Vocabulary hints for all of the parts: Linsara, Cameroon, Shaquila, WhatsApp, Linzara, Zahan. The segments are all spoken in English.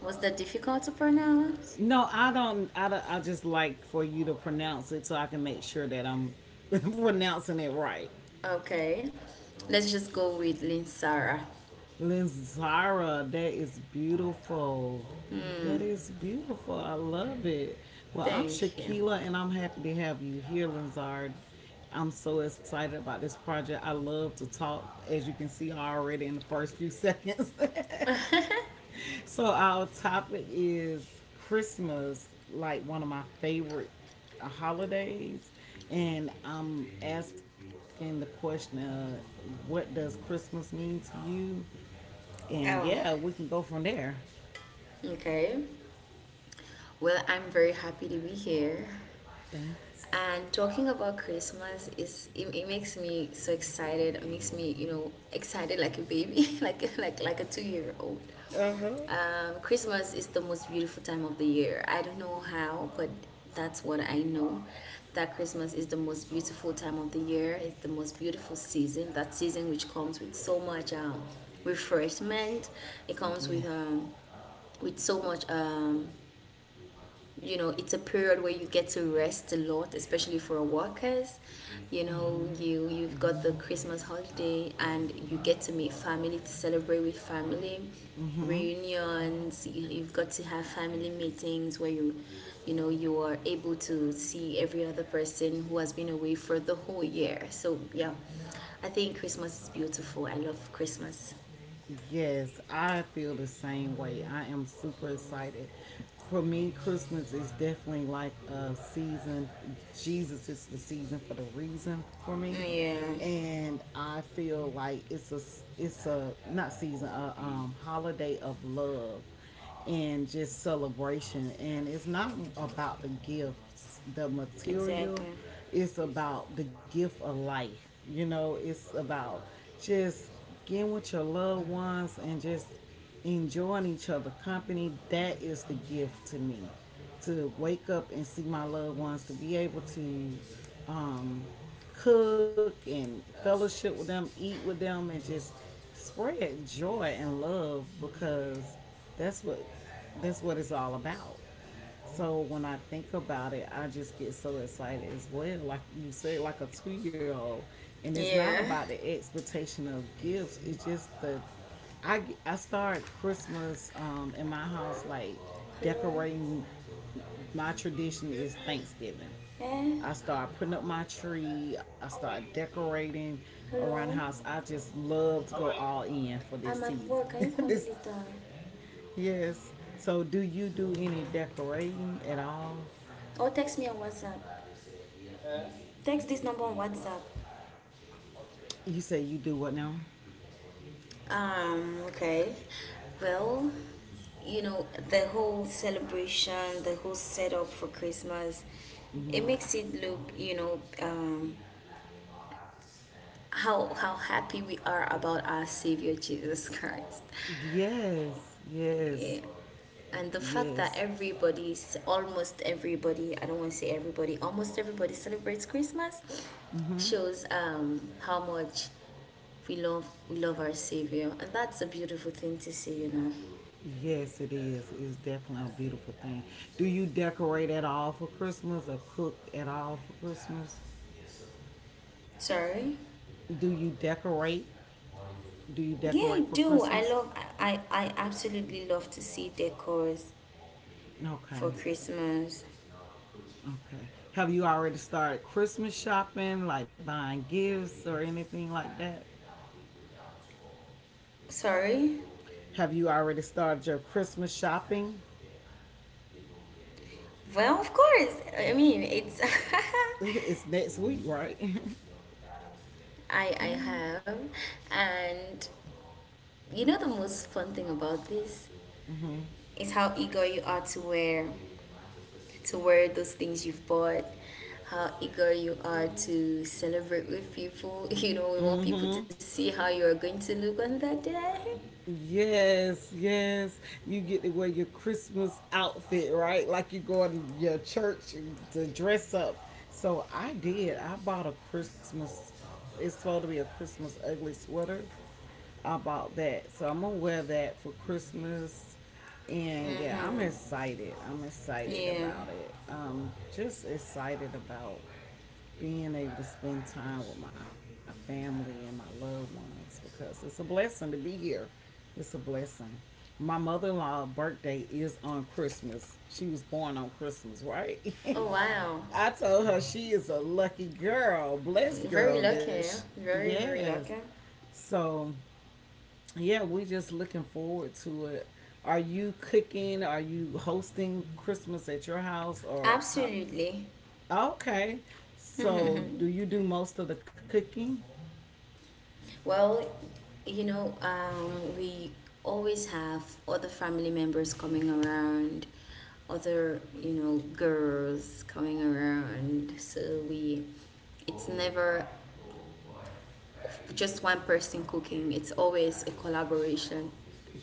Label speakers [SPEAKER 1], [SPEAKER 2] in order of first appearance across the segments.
[SPEAKER 1] Was that difficult to pronounce?
[SPEAKER 2] No, I don't. I, don't, I just like for you to pronounce it so I can make sure that I'm pronouncing it right.
[SPEAKER 1] Okay, let's just go with Linsara.
[SPEAKER 2] Linzara, that is beautiful. That is beautiful. I love it. Well, I'm
[SPEAKER 1] Thank you.
[SPEAKER 2] Shaquila, and I'm happy to have you here, Linzara. I'm so excited about this project. I love to talk, as you can see already in the first few seconds. So our topic is Christmas, like one of my favorite holidays, and I'm asking the question, what does Christmas mean to you? And yeah,
[SPEAKER 1] oh,
[SPEAKER 2] we can go from there.
[SPEAKER 1] okay. Well, I'm very happy to be here.
[SPEAKER 2] Thanks.
[SPEAKER 1] And talking about Christmas it makes me so excited. It makes me, you know, excited like a baby, like a 2 year old.
[SPEAKER 2] Uh huh.
[SPEAKER 1] Christmas is the most beautiful time of the year. I don't know how, but that's what I know. That Christmas is the most beautiful time of the year. It's the most beautiful season. That season which comes with so much refreshment. It comes
[SPEAKER 2] Yeah.
[SPEAKER 1] with so much you know it's a period where you get to rest a lot, especially for workers. You know, you've got the Christmas holiday and you get to meet family, to celebrate with family
[SPEAKER 2] Mm-hmm.
[SPEAKER 1] reunions. You've got to have family meetings where you know you are able to see every other person who has been away for the whole year. So yeah, I think Christmas is beautiful. I love Christmas.
[SPEAKER 2] Yes, I feel the same way. I am super excited. For me, Christmas is definitely like a season. Jesus is the season for the reason for me,
[SPEAKER 1] Yeah,
[SPEAKER 2] and I feel like it's a not season a holiday of love and just celebration. And it's not about the gifts, the
[SPEAKER 1] exactly.
[SPEAKER 2] material, it's about the gift of life. You know, it's about just getting with your loved ones and just enjoying each other company. That is the gift to me. To wake up and see my loved ones, to be able to um, cook and fellowship with them, eat with them, and just spread joy and love because that's what that's what it's all about. So when I think about it, I just get so excited as well. Like you said, like a 2-year old, and it's not
[SPEAKER 1] Yeah.
[SPEAKER 2] about the expectation of gifts. It's just the I start Christmas in my house like
[SPEAKER 1] Hello.
[SPEAKER 2] decorating. My tradition is Thanksgiving.
[SPEAKER 1] Yeah.
[SPEAKER 2] I started putting up my tree. I started decorating around the
[SPEAKER 1] Hello,
[SPEAKER 2] house. I just love to go all in for this
[SPEAKER 1] I'm at
[SPEAKER 2] season.
[SPEAKER 1] work. Can you call me
[SPEAKER 2] this
[SPEAKER 1] later?
[SPEAKER 2] yes. So do you do any decorating at all?
[SPEAKER 1] Or text me on WhatsApp. Text this number on WhatsApp.
[SPEAKER 2] You say you do what now?
[SPEAKER 1] Okay. Well, you know, the whole celebration, the whole setup for Christmas, it
[SPEAKER 2] Hmm.
[SPEAKER 1] makes it look, you know, how happy we are about our Savior Jesus Christ.
[SPEAKER 2] Yes,
[SPEAKER 1] Yeah. And the fact that
[SPEAKER 2] yes,
[SPEAKER 1] everybody's, almost everybody — I don't want to say everybody, almost everybody — celebrates Christmas shows how much we love our Savior, and that's a beautiful thing to see.
[SPEAKER 2] yes. It is. It's definitely a beautiful thing. Do you decorate at all for Christmas or cook at all for Christmas?
[SPEAKER 1] Sorry?
[SPEAKER 2] Do you decorate? Do you
[SPEAKER 1] Yeah,
[SPEAKER 2] decorate
[SPEAKER 1] I
[SPEAKER 2] for
[SPEAKER 1] do.
[SPEAKER 2] Christmas?
[SPEAKER 1] I I absolutely love to see decors for
[SPEAKER 2] Okay.
[SPEAKER 1] Christmas.
[SPEAKER 2] Okay. Have you already started Christmas shopping, like buying gifts or anything like that?
[SPEAKER 1] Sorry.
[SPEAKER 2] Have you already started your Christmas shopping?
[SPEAKER 1] Well, of course. I mean, it's
[SPEAKER 2] It's next week, right?
[SPEAKER 1] I have, and you know the most fun thing about this is how eager you are to wear those things you've bought. How eager you are to celebrate with people. You know, we want people
[SPEAKER 2] Mm-hmm.
[SPEAKER 1] to see how you are going to look on that day.
[SPEAKER 2] Yes, yes. You get to wear your Christmas outfit, right? Like you go in your church to dress up. So I did. I bought a Christmas. It's supposed to be a Christmas ugly sweater. I bought that. So I'm gonna wear that for Christmas. And yeah, I'm
[SPEAKER 1] Mm-hmm.
[SPEAKER 2] excited. I'm excited
[SPEAKER 1] Yeah.
[SPEAKER 2] about it. Just excited about being able to spend time with my family and my loved ones because it's a blessing to be here. It's a blessing. My mother in laws birthday is on Christmas. She was born on Christmas, right?
[SPEAKER 1] Oh, wow.
[SPEAKER 2] I told her she is a lucky girl, blessed
[SPEAKER 1] Very
[SPEAKER 2] girl. That she,
[SPEAKER 1] lucky. Very, very
[SPEAKER 2] yes.
[SPEAKER 1] lucky.
[SPEAKER 2] So yeah, we just looking forward to it. Are you cooking? Are you hosting Christmas at your house or how?
[SPEAKER 1] Absolutely.
[SPEAKER 2] Okay. So, do you do most of the cooking?
[SPEAKER 1] Well, you know, we always have other family members coming around, other, you know, girls coming around. It's never just one person cooking, it's always a collaboration.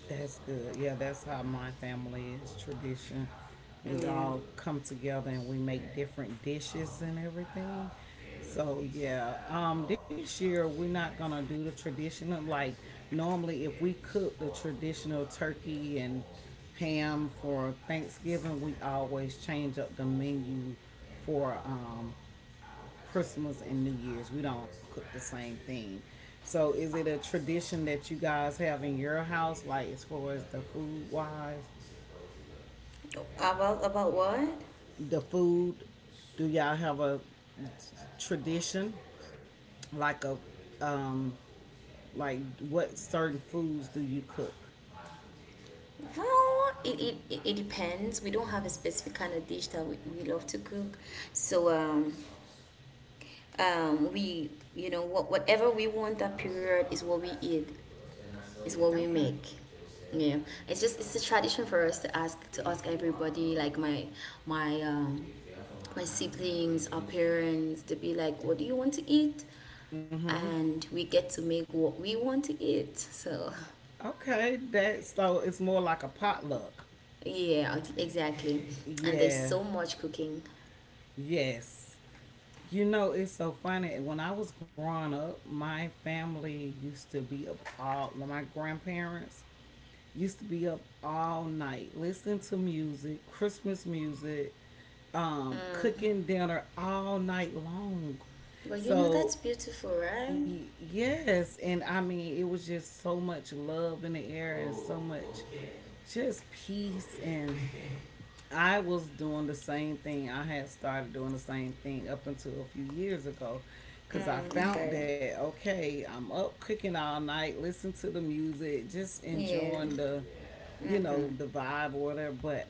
[SPEAKER 2] That's good. Yeah, that's how my family is tradition. We
[SPEAKER 1] Yeah.
[SPEAKER 2] all come together and we make different dishes and everything. So yeah, this year we're not gonna do the traditional like normally. If we cook the traditional turkey and ham for Thanksgiving, we always change up the menu for Christmas and New Year's. We don't cook the same thing. So is it a tradition that you guys have in your house, like as far as the food wise,
[SPEAKER 1] About what?
[SPEAKER 2] the food? Do y'all have a tradition, like a um, like what certain foods do you cook?
[SPEAKER 1] Well, it depends. We don't have a specific kind of dish that we love to cook. So, we, you know, what whatever we want that period is what we eat is what we
[SPEAKER 2] Okay.
[SPEAKER 1] make Yeah. It's just, it's a tradition for us to ask everybody, like my my um my siblings, our parents, to be like, what do you want to eat?
[SPEAKER 2] Mhm.
[SPEAKER 1] And we get to make what we want to eat. So
[SPEAKER 2] Okay, that so it's more like a potluck.
[SPEAKER 1] yeah, exactly. And there's
[SPEAKER 2] Yeah.
[SPEAKER 1] so much cooking.
[SPEAKER 2] Yes. You know, it's so funny. When I was growing up, my family used to be up all, well, my grandparents used to be up all night listening to music, Christmas music, cooking dinner all night long.
[SPEAKER 1] But you know,
[SPEAKER 2] So,
[SPEAKER 1] that's beautiful, right?
[SPEAKER 2] yes. And I mean, it was just so much love in the air and so much just peace and I was doing the same thing. I had started doing the same thing up until a few years ago because I
[SPEAKER 1] Mm,
[SPEAKER 2] found
[SPEAKER 1] okay.
[SPEAKER 2] that, okay, I'm up cooking all night, listening to the music, just
[SPEAKER 1] Yeah.
[SPEAKER 2] enjoying the, you
[SPEAKER 1] Mm-hmm.
[SPEAKER 2] know, the vibe or whatever. But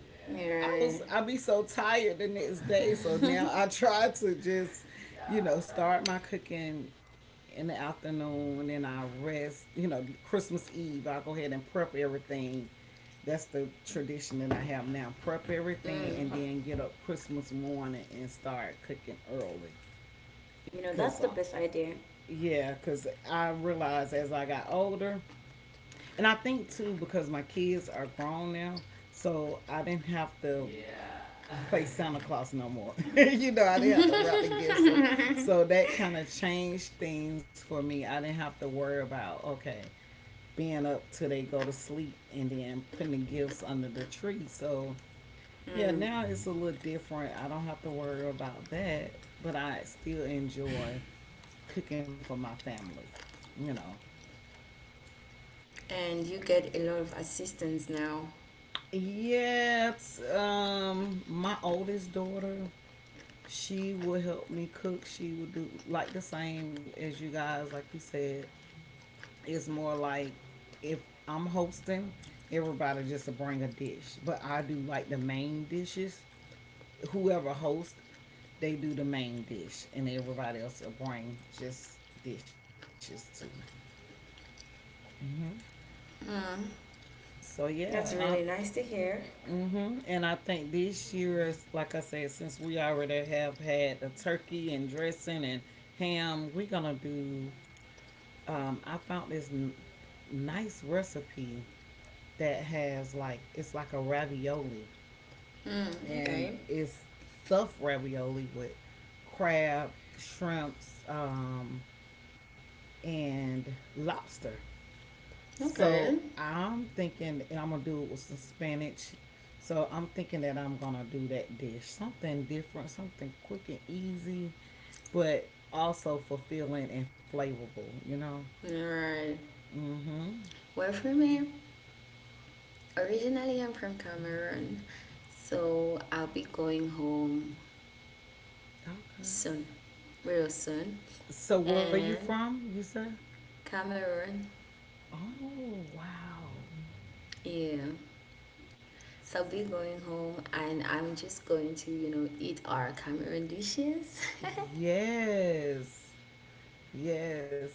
[SPEAKER 2] I
[SPEAKER 1] Yeah.
[SPEAKER 2] was I be so tired the next day, so now I try to just, you know, start my cooking in the afternoon and I rest, you know, Christmas Eve, I go ahead and prep everything. That's the tradition that I have now. Prep everything and
[SPEAKER 1] Mm,
[SPEAKER 2] then get up Christmas morning and start cooking early.
[SPEAKER 1] you know, that's
[SPEAKER 2] Cause
[SPEAKER 1] the
[SPEAKER 2] I,
[SPEAKER 1] best idea.
[SPEAKER 2] yeah, cause I realized as I got older, and I think too because my kids are grown now, so I didn't have to play Santa Claus no more. You know, I didn't have to wrap the gifts. So, so that kind of changed things for me. I didn't have to worry about, okay, being up till they go to sleep and then putting the gifts under the tree. So, yeah,
[SPEAKER 1] Mm.
[SPEAKER 2] now it's a little different. I don't have to worry about that, but I still enjoy cooking for my family, you know.
[SPEAKER 1] And you get a lot of assistance now.
[SPEAKER 2] Yes, my oldest daughter, she will help me cook. She will do like the same as you guys, like you said. It's more like if I'm hosting, everybody just to bring a dish. But I do like the main dishes. Whoever hosts, they do the main dish, and everybody else will bring just dishes too. Mm-hmm.
[SPEAKER 1] Mm.
[SPEAKER 2] So yeah,
[SPEAKER 1] That's
[SPEAKER 2] I,
[SPEAKER 1] really nice to hear.
[SPEAKER 2] mm-hmm. And I think this year, like I said, since we already have had the turkey and dressing and ham, we're gonna do I found this nice recipe that has like it's like a ravioli,
[SPEAKER 1] Mm,
[SPEAKER 2] and
[SPEAKER 1] okay.
[SPEAKER 2] it's stuffed ravioli with crab, shrimps, and lobster. So
[SPEAKER 1] Okay.
[SPEAKER 2] I'm thinking and I'm gonna do it with some spinach. So I'm thinking that I'm gonna do that dish, something different, something quick and easy, but also fulfilling and flavorful. You know.
[SPEAKER 1] Alright.
[SPEAKER 2] Mm-hmm.
[SPEAKER 1] Well, for me, originally I'm from Cameroon, so I'll be going home
[SPEAKER 2] Okay.
[SPEAKER 1] soon, real soon.
[SPEAKER 2] So where you
[SPEAKER 1] And
[SPEAKER 2] from? You said?
[SPEAKER 1] Cameroon,
[SPEAKER 2] Oh wow.
[SPEAKER 1] yeah. So I'll be going home and I'm just going to, you know, eat our Cameroon dishes.
[SPEAKER 2] Yes. Yes.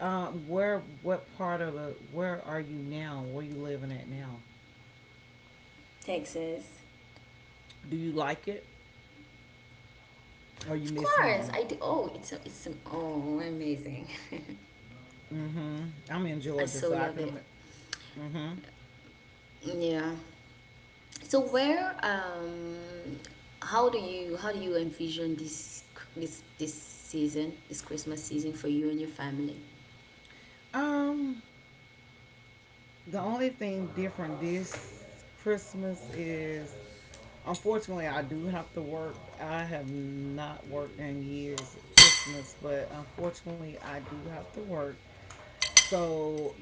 [SPEAKER 2] Where what part of the where are you now? Where you living at now?
[SPEAKER 1] Texas.
[SPEAKER 2] Do you like it? Or you
[SPEAKER 1] Of
[SPEAKER 2] miss
[SPEAKER 1] course,
[SPEAKER 2] home?
[SPEAKER 1] I do. Oh, it's oh amazing.
[SPEAKER 2] Mm-hmm. I'm in Georgia, so
[SPEAKER 1] I
[SPEAKER 2] I can
[SPEAKER 1] so
[SPEAKER 2] ima-
[SPEAKER 1] love it.
[SPEAKER 2] Mm-hmm.
[SPEAKER 1] Yeah. So where how do you envision this season, this Christmas season, for you and your family?
[SPEAKER 2] Um, the only thing different this Christmas is unfortunately, I do have to work. I have not worked in years at Christmas, but unfortunately, I do have to work. So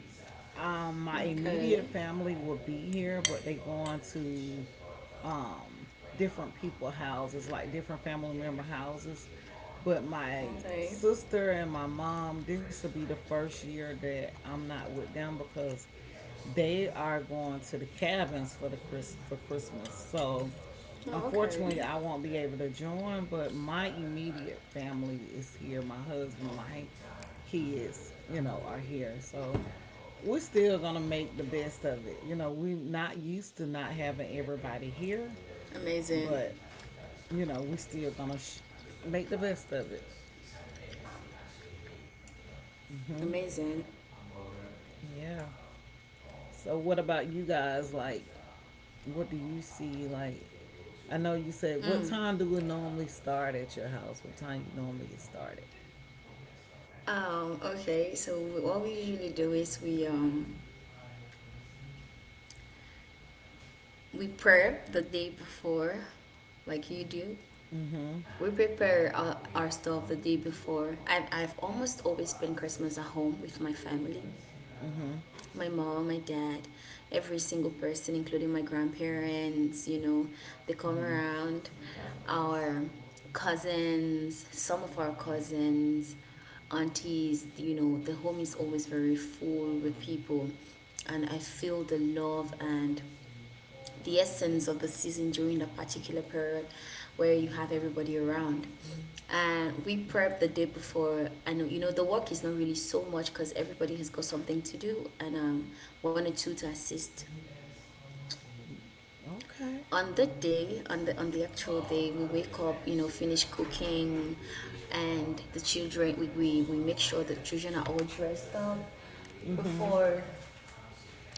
[SPEAKER 2] my immediate
[SPEAKER 1] Okay.
[SPEAKER 2] family will be here, but they going to um, different people houses, like different family member houses. But my
[SPEAKER 1] Okay.
[SPEAKER 2] sister and my mom, this will be the first year that I'm not with them because they are going to the cabins for the Christmas. So
[SPEAKER 1] Oh, okay.
[SPEAKER 2] unfortunately, I won't be able to join. But my immediate family is here. My husband, my kids, you know, are here. So we're still gonna make the best of it. You know, we're not used to not having everybody
[SPEAKER 1] Amazing.
[SPEAKER 2] here, but you know, we're still gonna make the best of it. Hmm.
[SPEAKER 1] Amazing.
[SPEAKER 2] Yeah. So, what about you guys? Like, what do you see? Like, I know you said, what
[SPEAKER 1] Mm.
[SPEAKER 2] time do we normally start at your house? What time you normally get started?
[SPEAKER 1] Oh, okay. So what we usually do is we prep the day before, like you do.
[SPEAKER 2] Mm-hmm.
[SPEAKER 1] We prepare our stuff the day before. And I've almost always spent Christmas at home with my family, my mom, my dad, every single person, including my grandparents. You know, they come
[SPEAKER 2] Mm-hmm.
[SPEAKER 1] around, our cousins, some of our cousins, aunties. You know, the home is always very full with people. And I feel the love and the essence of the season during that particular period, where you have everybody around. And we prep the day before, and you know, the work is not really so much because everybody has got something to do, and one or two to assist.
[SPEAKER 2] Okay.
[SPEAKER 1] On the actual day, we wake up, you know, finish cooking, and the children, we make sure the children are all dressed up
[SPEAKER 2] Mm-hmm.
[SPEAKER 1] before.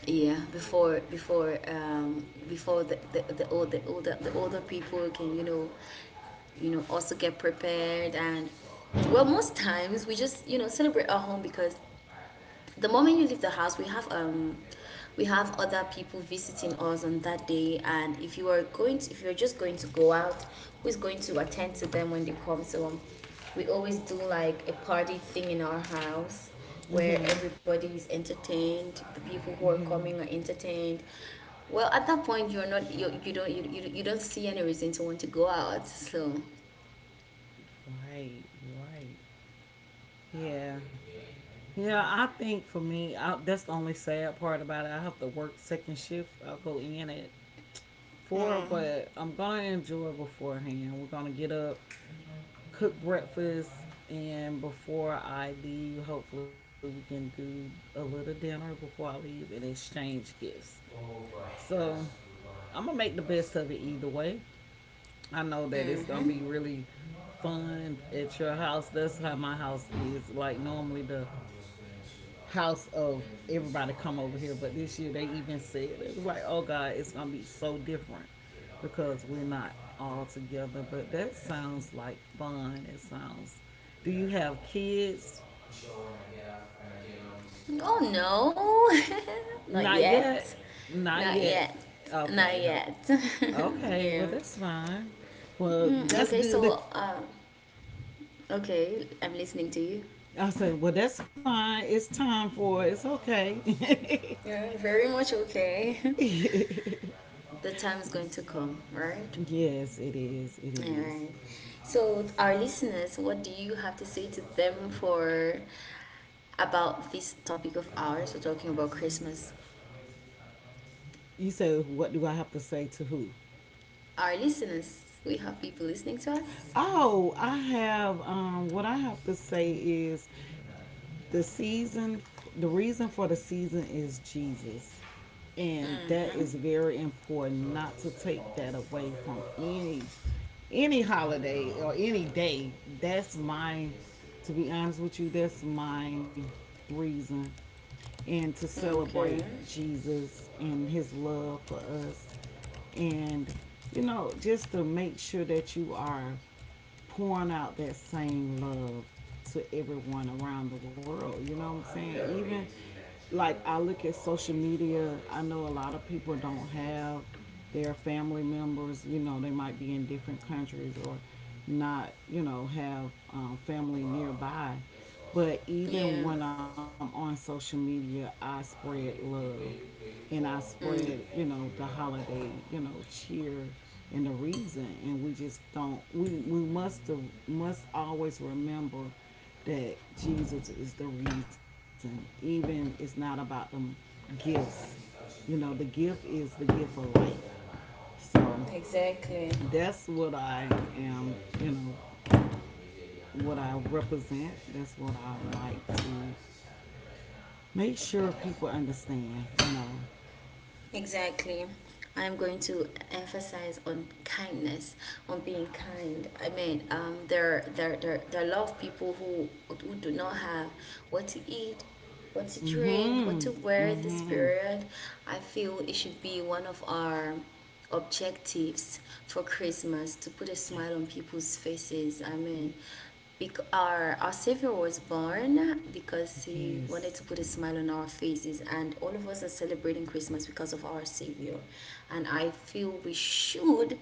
[SPEAKER 1] Before the older people can, you know, you know, also get prepared. And well, most times we just, you know, celebrate our home, because the moment you leave the house, we have other people visiting us on that day. And if you are going to, if you're just going to go out, who's going to attend to them when they come? So we always do like a party thing in our house, where
[SPEAKER 2] Mm-hmm.
[SPEAKER 1] everybody is entertained, the people who are coming are entertained well. At that point, you're not you, you don't you, you, you don't see any reason to want to go out. So
[SPEAKER 2] Right. Right. Yeah. Yeah, I think for me, I, that's the only sad part about it. I have to work second shift. I'll go in at four,
[SPEAKER 1] mm.
[SPEAKER 2] but I'm gonna enjoy beforehand. We're gonna get up, cook breakfast, and before I leave, hopefully we can do a little dinner before I leave and exchange gifts. So I'm gonna make the best of it either way. I know that it's gonna be
[SPEAKER 1] Mm-hmm.
[SPEAKER 2] really fun at your house. That's how my house is. Like normally the house of everybody come over here, but this year they even said it was like, oh God, it's gonna be so different because we're not all together. But that sounds like fun. It sounds. Do you have kids?
[SPEAKER 1] Oh no.
[SPEAKER 2] Not
[SPEAKER 1] Not
[SPEAKER 2] yet.
[SPEAKER 1] yet.
[SPEAKER 2] Not
[SPEAKER 1] Not
[SPEAKER 2] yet.
[SPEAKER 1] yet.
[SPEAKER 2] Okay.
[SPEAKER 1] Not
[SPEAKER 2] Okay.
[SPEAKER 1] yet.
[SPEAKER 2] Okay, well
[SPEAKER 1] Yeah.
[SPEAKER 2] that's fine. Well,
[SPEAKER 1] Mm,
[SPEAKER 2] that's
[SPEAKER 1] okay,
[SPEAKER 2] good
[SPEAKER 1] so,
[SPEAKER 2] that
[SPEAKER 1] okay, I'm listening to you.
[SPEAKER 2] I said, well, that's fine. It's time for it. It's okay.
[SPEAKER 1] Yeah, very much okay. The time is going to come, right?
[SPEAKER 2] Yes, it is. It
[SPEAKER 1] All
[SPEAKER 2] is.
[SPEAKER 1] right. So, our listeners, what do you have to say to them for about this topic of ours? We're talking about Christmas.
[SPEAKER 2] You said, what do I have to say to who?
[SPEAKER 1] Our listeners, we have people listening to us.
[SPEAKER 2] Oh, I have, what I have to say is the season the reason for the season is Jesus, and that
[SPEAKER 1] Mm-hmm.
[SPEAKER 2] is very important not to take that away from any holiday or any day. That's my To be honest with you, that's my reason, and to celebrate
[SPEAKER 1] Okay.
[SPEAKER 2] Jesus and his love for us, and you know, just to make sure that you are pouring out that same love to everyone around the world. You know what I'm saying? Even like I look at social media, I know a lot of people don't have their family members, you know, they might be in different countries or not, you know, have family nearby. But
[SPEAKER 1] Yeah.
[SPEAKER 2] even when I'm on social media, I spread love and I
[SPEAKER 1] Mm.
[SPEAKER 2] spread the holiday cheer and the reason. And we just don't. We must always remember that Jesus is the reason. Even it's not about the gifts. The gift is the gift of life. So
[SPEAKER 1] Exactly.
[SPEAKER 2] that's what I am. What I represent. That's what I like to make sure people understand.
[SPEAKER 1] Exactly. I'm going to emphasize on kindness, on being kind. I mean, there are a lot of people who do not have what to eat, what to drink, what to
[SPEAKER 2] Mm-hmm.
[SPEAKER 1] wear this
[SPEAKER 2] Mm-hmm.
[SPEAKER 1] period. I feel it should be one of our objectives for Christmas to put a smile on people's faces. I mean, our Savior was born because he wanted
[SPEAKER 2] Yes.
[SPEAKER 1] to put a smile on our faces, and all of us are celebrating Christmas because of our Savior. And I feel we should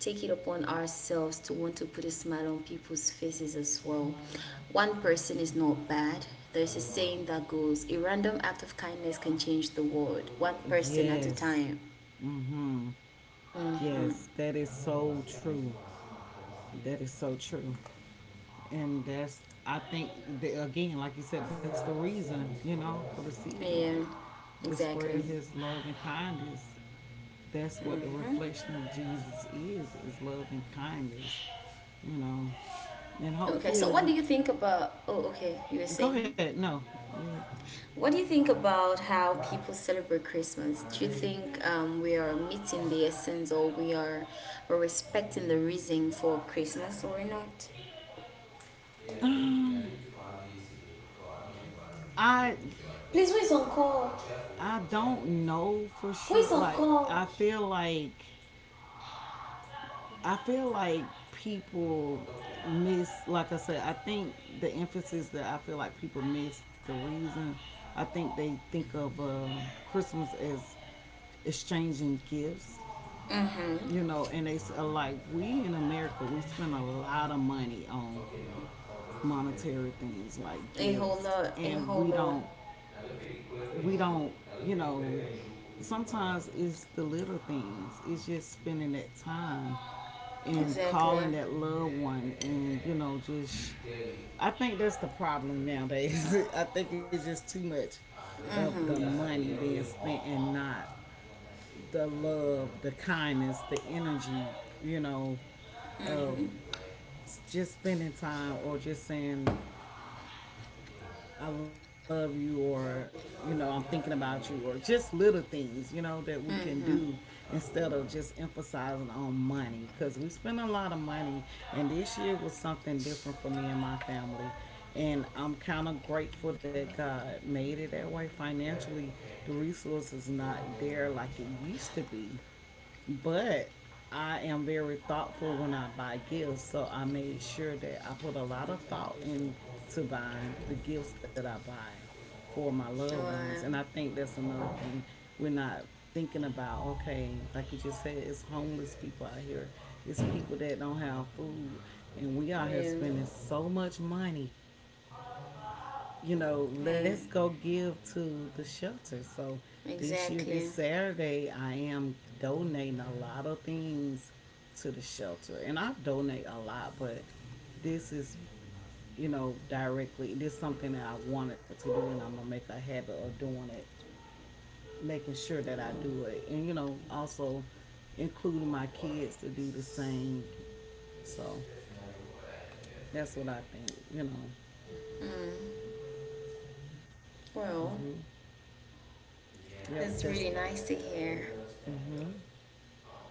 [SPEAKER 1] take it upon ourselves to want to put a smile on people's faces as well. One person is not bad. There's a saying that goes, a random act of kindness can change the world, one person at a
[SPEAKER 2] Yes.
[SPEAKER 1] time.
[SPEAKER 2] Mhm.
[SPEAKER 1] Mm-hmm.
[SPEAKER 2] Yes, that is so true. That is so true. And that's I think that, again, like you said, that's the reason for the season, like
[SPEAKER 1] Yeah,
[SPEAKER 2] to spread
[SPEAKER 1] exactly.
[SPEAKER 2] his love and kindness. That's what the
[SPEAKER 1] Mm.
[SPEAKER 2] reflection of Jesus is love and kindness, you know. And
[SPEAKER 1] Okay, so
[SPEAKER 2] hopefully
[SPEAKER 1] what do
[SPEAKER 2] we
[SPEAKER 1] you think about? Oh, okay, you were
[SPEAKER 2] go
[SPEAKER 1] saying.
[SPEAKER 2] ahead. No. Yeah.
[SPEAKER 1] What do you think about how people celebrate Christmas? Do you think we are meeting the essence, or we are respecting the reason for Christmas, or not?
[SPEAKER 2] I
[SPEAKER 1] Please
[SPEAKER 2] I don't know for sure.
[SPEAKER 1] wait.
[SPEAKER 2] Like I
[SPEAKER 1] Oh.
[SPEAKER 2] feel like I feel like people miss, like I said, I think the emphasis that I feel like people miss the reason. I think they think of Christmas as exchanging gifts,
[SPEAKER 1] Mm-hmm.
[SPEAKER 2] you know, and like we in America, we spend a lot of money on monetary things like
[SPEAKER 1] A whole
[SPEAKER 2] gifts,
[SPEAKER 1] lot. A
[SPEAKER 2] and we
[SPEAKER 1] whole lot.
[SPEAKER 2] don't we don't, you know, Sometimes it's the little things. It's just spending that time and calling
[SPEAKER 1] Exactly.
[SPEAKER 2] that loved one and, you know, just I think that's the problem nowadays. I think it's just too much of the
[SPEAKER 1] Mm-hmm.
[SPEAKER 2] money being spent and not the love, the kindness, the energy, you know, of
[SPEAKER 1] Mm-hmm.
[SPEAKER 2] just spending time or just saying I love you, or you know I'm thinking about you, or just little things that we can do, instead of just emphasizing on money, because we spend a lot of money. And this year was something different for me and my family, and I'm kind of grateful that God made it that way. Financially, the resource is not there like it used to be, but I am very thoughtful when I buy gifts, so I made sure that I put a lot of thought into buying the gifts that I buy for my loved ones.
[SPEAKER 1] Wow.
[SPEAKER 2] And I think that's another thing we're not thinking about. Okay, like you just said, it's homeless people out here, it's people that don't have food, and we out here
[SPEAKER 1] Yeah.
[SPEAKER 2] spending so much money.
[SPEAKER 1] Yeah.
[SPEAKER 2] Let's go give to the shelter. So this year, this
[SPEAKER 1] Exactly.
[SPEAKER 2] Saturday, I am donating a lot of things to the shelter. And I donate a lot, but this is directly. This is something that I wanted to do, and I'm going to make a habit of doing it, making sure that I do it. And also including my kids to do the same. So that's what I think.
[SPEAKER 1] Mm. Well,
[SPEAKER 2] hmm Yep,
[SPEAKER 1] that's
[SPEAKER 2] that's.
[SPEAKER 1] really nice to hear.
[SPEAKER 2] hmm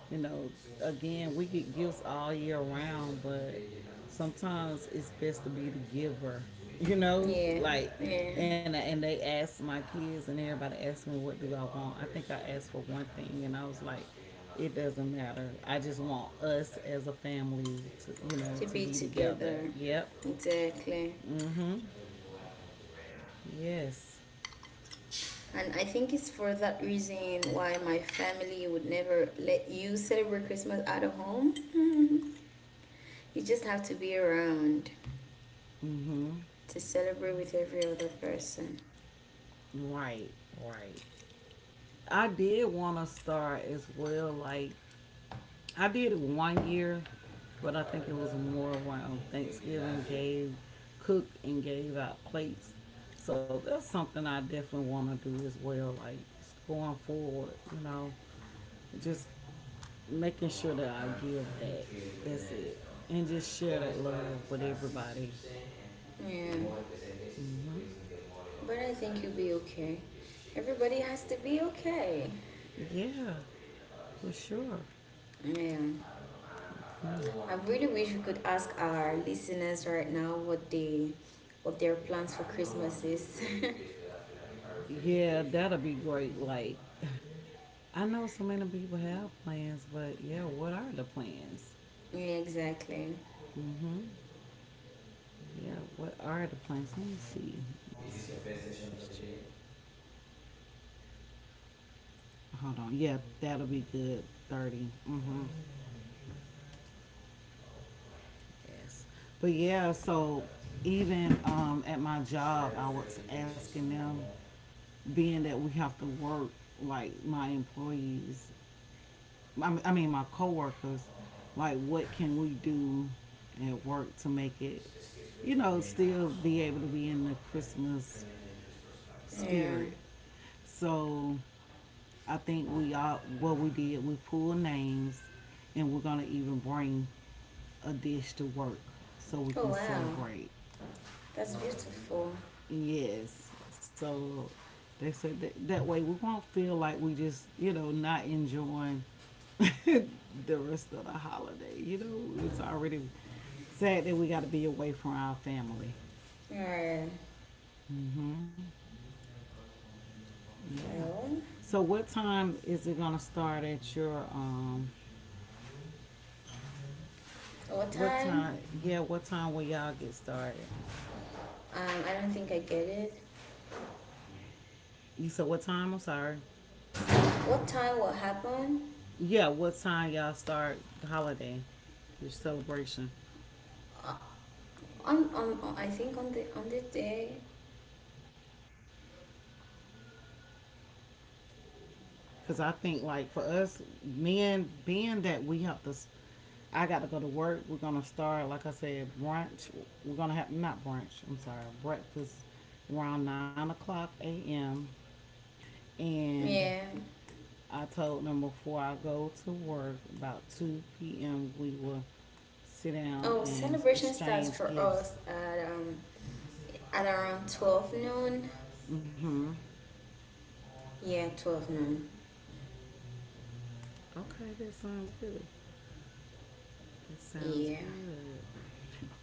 [SPEAKER 2] You know, again, we get gifts all year round, but sometimes it's best to be the giver. You know,
[SPEAKER 1] Yeah,
[SPEAKER 2] like
[SPEAKER 1] yeah,
[SPEAKER 2] and they asked my kids, and everybody asked me what do I want. I think I asked for one thing, and I was like, it doesn't matter. I just want us as a family to
[SPEAKER 1] to
[SPEAKER 2] to
[SPEAKER 1] be
[SPEAKER 2] be together.
[SPEAKER 1] together.
[SPEAKER 2] Yep.
[SPEAKER 1] Exactly.
[SPEAKER 2] Mm-hmm. Yes.
[SPEAKER 1] And I think it's for that reason why my family would never let you celebrate Christmas out of home. Mhm. You just have to be around
[SPEAKER 2] Mm-hmm.
[SPEAKER 1] to celebrate with every other person.
[SPEAKER 2] Right. Right. I did want to start as well, like I did it one year, but I think it was more around Thanksgiving. Gave, cook, and gave out plates, so that's something I definitely want to do as well. Like going forward, just making sure that I give back. That's it, and just share that love with everybody.
[SPEAKER 1] Yeah.
[SPEAKER 2] hmm
[SPEAKER 1] But I think you'll be okay. Everybody has to be okay.
[SPEAKER 2] Yeah, for sure.
[SPEAKER 1] Yeah. I really wish we could ask our listeners right now what they, what their plans for Christmas is.
[SPEAKER 2] Yeah, that'll be great. Like, I know so many people have plans, but yeah, what are the plans?
[SPEAKER 1] Yeah, exactly.
[SPEAKER 2] Yeah, what are the plans? Let me see. Let me see this check. Hold on. Yeah, that'll be good. 30. Mm-hmm. Yes. But yeah, so even at my job, I was asking them, being that we have to work, like my employees, I mean my coworkers, like what can we do at work to make it, still be able to be in the Christmas
[SPEAKER 1] Yeah.
[SPEAKER 2] spirit. So I think we all what we did, we pulled names, and we're gonna even bring a dish to work so we
[SPEAKER 1] Oh
[SPEAKER 2] can
[SPEAKER 1] wow,
[SPEAKER 2] celebrate.
[SPEAKER 1] that's beautiful.
[SPEAKER 2] Yes, so they said that that way we won't feel like we just not enjoying the rest of the holiday. It's already sad that we got to be away from our family.
[SPEAKER 1] Yeah.
[SPEAKER 2] Yeah.
[SPEAKER 1] Well,
[SPEAKER 2] So what time is it gonna start at your?
[SPEAKER 1] what
[SPEAKER 2] What
[SPEAKER 1] time?
[SPEAKER 2] time? Yeah, what time will y'all get started?
[SPEAKER 1] I don't think I get it.
[SPEAKER 2] You said what time? I'm sorry.
[SPEAKER 1] What time? What happened?
[SPEAKER 2] Yeah, what time y'all start the holiday, your celebration?
[SPEAKER 1] I think on the day.
[SPEAKER 2] Because I think like for us men, being that we have to, I got to go to work. We're gonna start, like I said, brunch. We're gonna have not brunch, I'm sorry, breakfast around 9 o'clock a.m. And
[SPEAKER 1] Yeah.
[SPEAKER 2] I told them before I go to work about 2 p.m. we will sit down
[SPEAKER 1] Oh,
[SPEAKER 2] and
[SPEAKER 1] celebration starts
[SPEAKER 2] exchange
[SPEAKER 1] for
[SPEAKER 2] gifts.
[SPEAKER 1] us at around 12 noon.
[SPEAKER 2] Mm-hmm.
[SPEAKER 1] Yeah, 12 noon.
[SPEAKER 2] Okay, that sounds good. That sounds
[SPEAKER 1] Yeah.
[SPEAKER 2] good.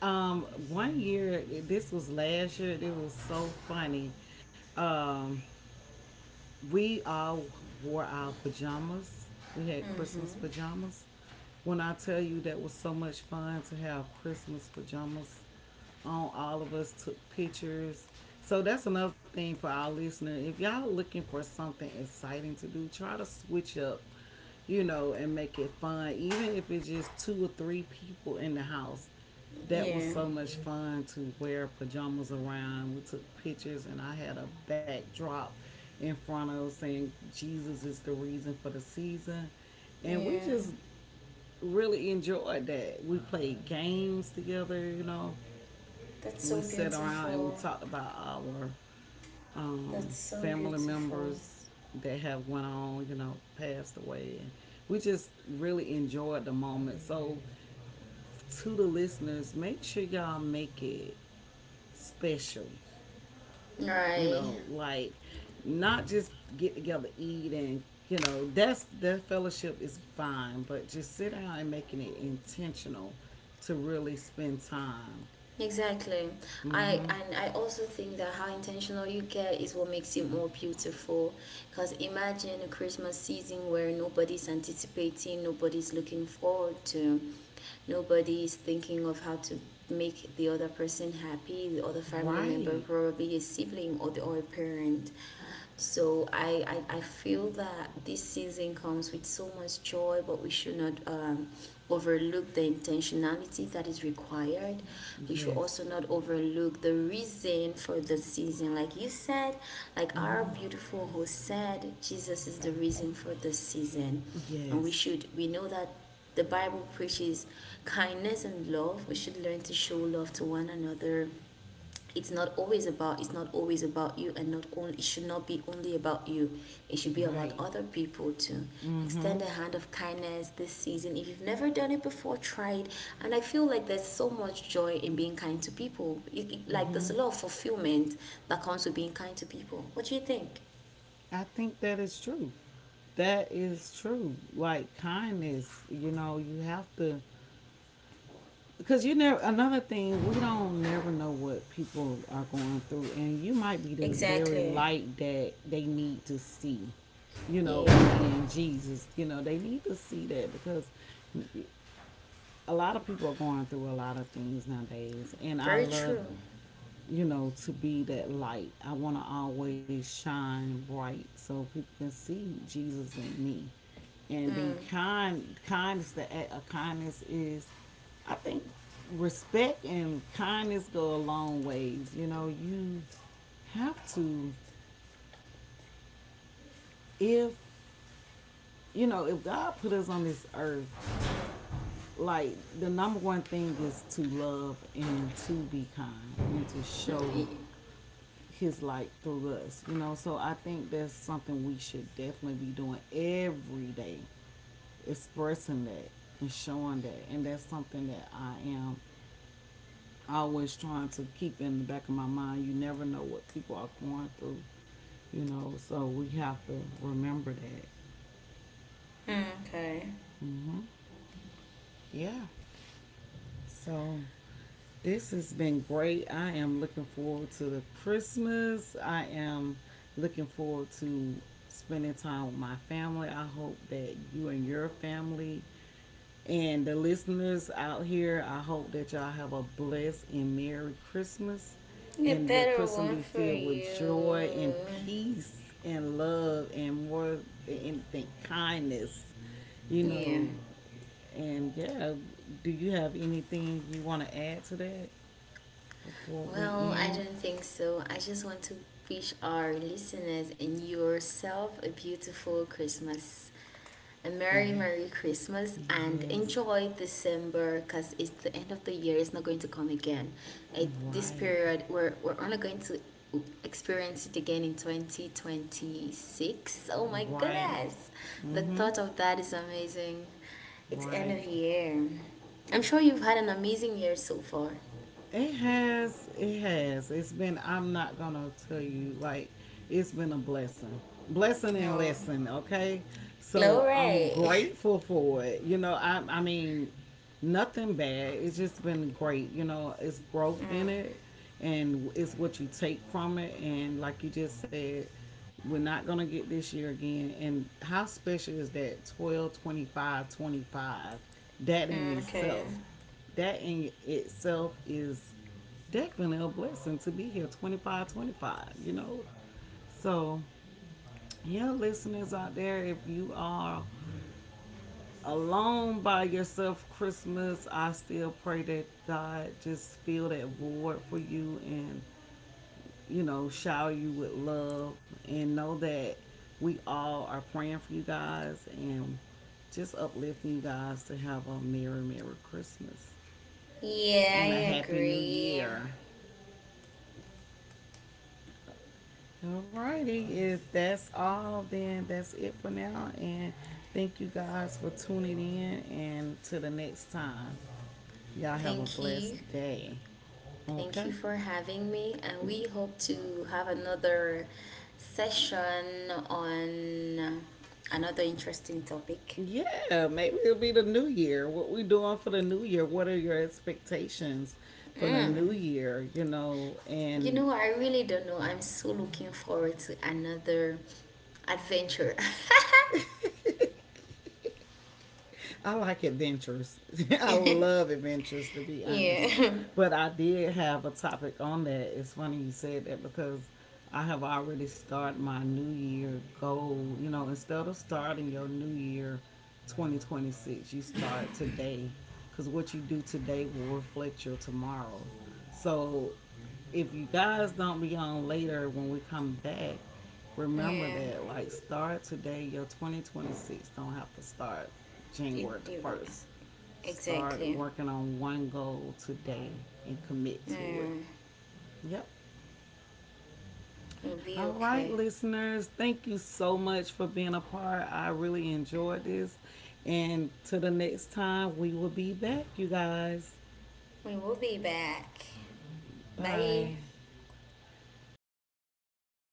[SPEAKER 2] Um, One year, this was last year. It was so funny. Um, we all wore our pajamas. We had Christmas
[SPEAKER 1] Mhm.
[SPEAKER 2] pajamas. When I tell you, that was so much fun to have Christmas pajamas on, all of us took pictures. So that's another thing for our listener. If y'all looking for something exciting to do, try to switch up, and make it fun. Even if it's just two or three people in the house, that was
[SPEAKER 1] Yeah.
[SPEAKER 2] so much fun to wear pajamas around. We took pictures, and I had a backdrop in front of saying Jesus is the reason for the season. And we
[SPEAKER 1] Yeah.
[SPEAKER 2] just really enjoyed that. We played games together.
[SPEAKER 1] That's so
[SPEAKER 2] We sat around and we
[SPEAKER 1] beautiful.
[SPEAKER 2] talked about our
[SPEAKER 1] That's so
[SPEAKER 2] family
[SPEAKER 1] beautiful.
[SPEAKER 2] members that have went on, passed away, and we just really enjoyed the moment. So, to the listeners, make sure y'all make it special. You
[SPEAKER 1] Right.
[SPEAKER 2] know, like not just get together, eat, and that fellowship is fine, but just sit down and making it intentional to really spend time.
[SPEAKER 1] Exactly. I
[SPEAKER 2] Mm-hmm.
[SPEAKER 1] and I also think that how intentional you get is what makes it more beautiful. Because imagine a Christmas season where nobody's anticipating, nobody's looking forward to, nobody's thinking of how to make the other person happy, the other family member,
[SPEAKER 2] Right.
[SPEAKER 1] probably a sibling or the or a parent. So I feel that this season comes with so much joy, but we should not overlook the intentionality that is required. We should
[SPEAKER 2] Yes.
[SPEAKER 1] also not overlook the reason for the season. Like you said, like our beautiful host said, Jesus is the reason for the season. And we
[SPEAKER 2] Yes,
[SPEAKER 1] should, we know that the Bible preaches kindness and love. We should learn to show love to one another. It's not always about, it's not always about you, and not only, it should not be only about you, it should be
[SPEAKER 2] right.
[SPEAKER 1] about other people too.
[SPEAKER 2] Mm-hmm.
[SPEAKER 1] Extend a hand of kindness this season. If you've never done it before, try it. And I feel like there's so much joy in being kind to people. Like, there's a lot of fulfillment that comes with being kind to people. What do you think?
[SPEAKER 2] I think that is true. That is true. Like kindness, you have to, because you never, another thing, we don't never know what people are going through, and you might be the very
[SPEAKER 1] Exactly.
[SPEAKER 2] light that they need to see.
[SPEAKER 1] Yeah,
[SPEAKER 2] Again, Jesus, they need to see that, because a lot of people are going through a lot of things nowadays. And i
[SPEAKER 1] very
[SPEAKER 2] love
[SPEAKER 1] true.
[SPEAKER 2] you know, to be that light. I want to always shine bright so people can see Jesus in me and be kind. Kindness, the act of kindness is, I think, respect and kindness go a long ways. You have to, if, you know, if God put us on this earth, like the number one thing is to love and to be kind and to
[SPEAKER 1] Mm,
[SPEAKER 2] show his light through us. So I think that's something we should definitely be doing every day, expressing that and showing that. And that's something that I am always trying to keep in the back of my mind. You never know what people are going through, So we have to remember that.
[SPEAKER 1] okay.
[SPEAKER 2] Yeah. So this has been great. I am looking forward to the Christmas. I am looking forward to spending time with my family. I hope that you and your family and the listeners out here, I hope that y'all have a blessed and merry Christmas.
[SPEAKER 1] A
[SPEAKER 2] And your
[SPEAKER 1] better
[SPEAKER 2] Christmas
[SPEAKER 1] one
[SPEAKER 2] be
[SPEAKER 1] for
[SPEAKER 2] filled with joy
[SPEAKER 1] you.
[SPEAKER 2] and peace and love and more than anything, kindness. You
[SPEAKER 1] Yeah.
[SPEAKER 2] know, and yeah, do you have anything you want to add to that before we
[SPEAKER 1] Well, I
[SPEAKER 2] end?
[SPEAKER 1] don't think so. I just want to wish our listeners and yourself a beautiful Christmas, a Merry,
[SPEAKER 2] Think-
[SPEAKER 1] Merry Christmas, and
[SPEAKER 2] Yes,
[SPEAKER 1] enjoy December because it's the end of the year. It's not going to come again. This
[SPEAKER 2] right,
[SPEAKER 1] period, we're only going to experience it again in 2026. Oh my
[SPEAKER 2] right,
[SPEAKER 1] goodness! The
[SPEAKER 2] mm-hmm,
[SPEAKER 1] thought of that is amazing. It's end of
[SPEAKER 2] right.
[SPEAKER 1] year. I'm sure you've had an amazing year so far.
[SPEAKER 2] It has. It has. It's been. I'm not gonna tell you. Like it's been a blessing, blessing and
[SPEAKER 1] No.
[SPEAKER 2] lesson. Okay, so I'm
[SPEAKER 1] Glory.
[SPEAKER 2] grateful for it. I mean, nothing bad. It's just been great. It's growth
[SPEAKER 1] Mm,
[SPEAKER 2] in it, and it's what you take from it. And like you just said, we're not gonna get this year again. And how special is that? 12/25/25. That in
[SPEAKER 1] okay.
[SPEAKER 2] itself that in itself is definitely a blessing to be here 25, 25. So yeah, listeners out there, if you are alone by yourself Christmas, I still pray that God just fill that void for you, and shower you with love, and know that we all are praying for you guys, and just uplifting you guys to have a merry merry Christmas
[SPEAKER 1] Yeah,
[SPEAKER 2] and a
[SPEAKER 1] I
[SPEAKER 2] happy new
[SPEAKER 1] agree.
[SPEAKER 2] year. Alrighty, if that's all, then that's it for now. And thank you guys for tuning in. And till the next time, y'all have a
[SPEAKER 1] Thank
[SPEAKER 2] blessed
[SPEAKER 1] you.
[SPEAKER 2] day.
[SPEAKER 1] Thank you
[SPEAKER 2] Okay.
[SPEAKER 1] for having me. And we hope to have another session on another interesting topic.
[SPEAKER 2] Yeah, maybe it'll be the new year. What we doing for the new year? What are your expectations for the new
[SPEAKER 1] Mm.
[SPEAKER 2] year? You know,
[SPEAKER 1] You
[SPEAKER 2] and
[SPEAKER 1] know, I really don't know. I'm so looking forward to another adventure.
[SPEAKER 2] I like adventures. I
[SPEAKER 1] Yeah.
[SPEAKER 2] love adventures, to be honest.
[SPEAKER 1] Yeah.
[SPEAKER 2] But I did have a topic on that. It's funny you said that, because I have already started my new year goal. Instead of starting your new year 2026, you start today, because what you do today will reflect your tomorrow. So if you guys don't be on later when we come back, remember that, like, start today. Your 2026 don't have to start
[SPEAKER 1] It,
[SPEAKER 2] January the
[SPEAKER 1] it-
[SPEAKER 2] 1st. Start
[SPEAKER 1] exactly.
[SPEAKER 2] working on one goal today, and commit to it.
[SPEAKER 1] Yeah.
[SPEAKER 2] Yep.
[SPEAKER 1] It'll be
[SPEAKER 2] All right,
[SPEAKER 1] okay.
[SPEAKER 2] listeners, thank you so much for being a part. I really enjoyed this, and to the next time, we will be back, you guys.
[SPEAKER 1] We will be back. Bye.
[SPEAKER 2] Bye. Okay.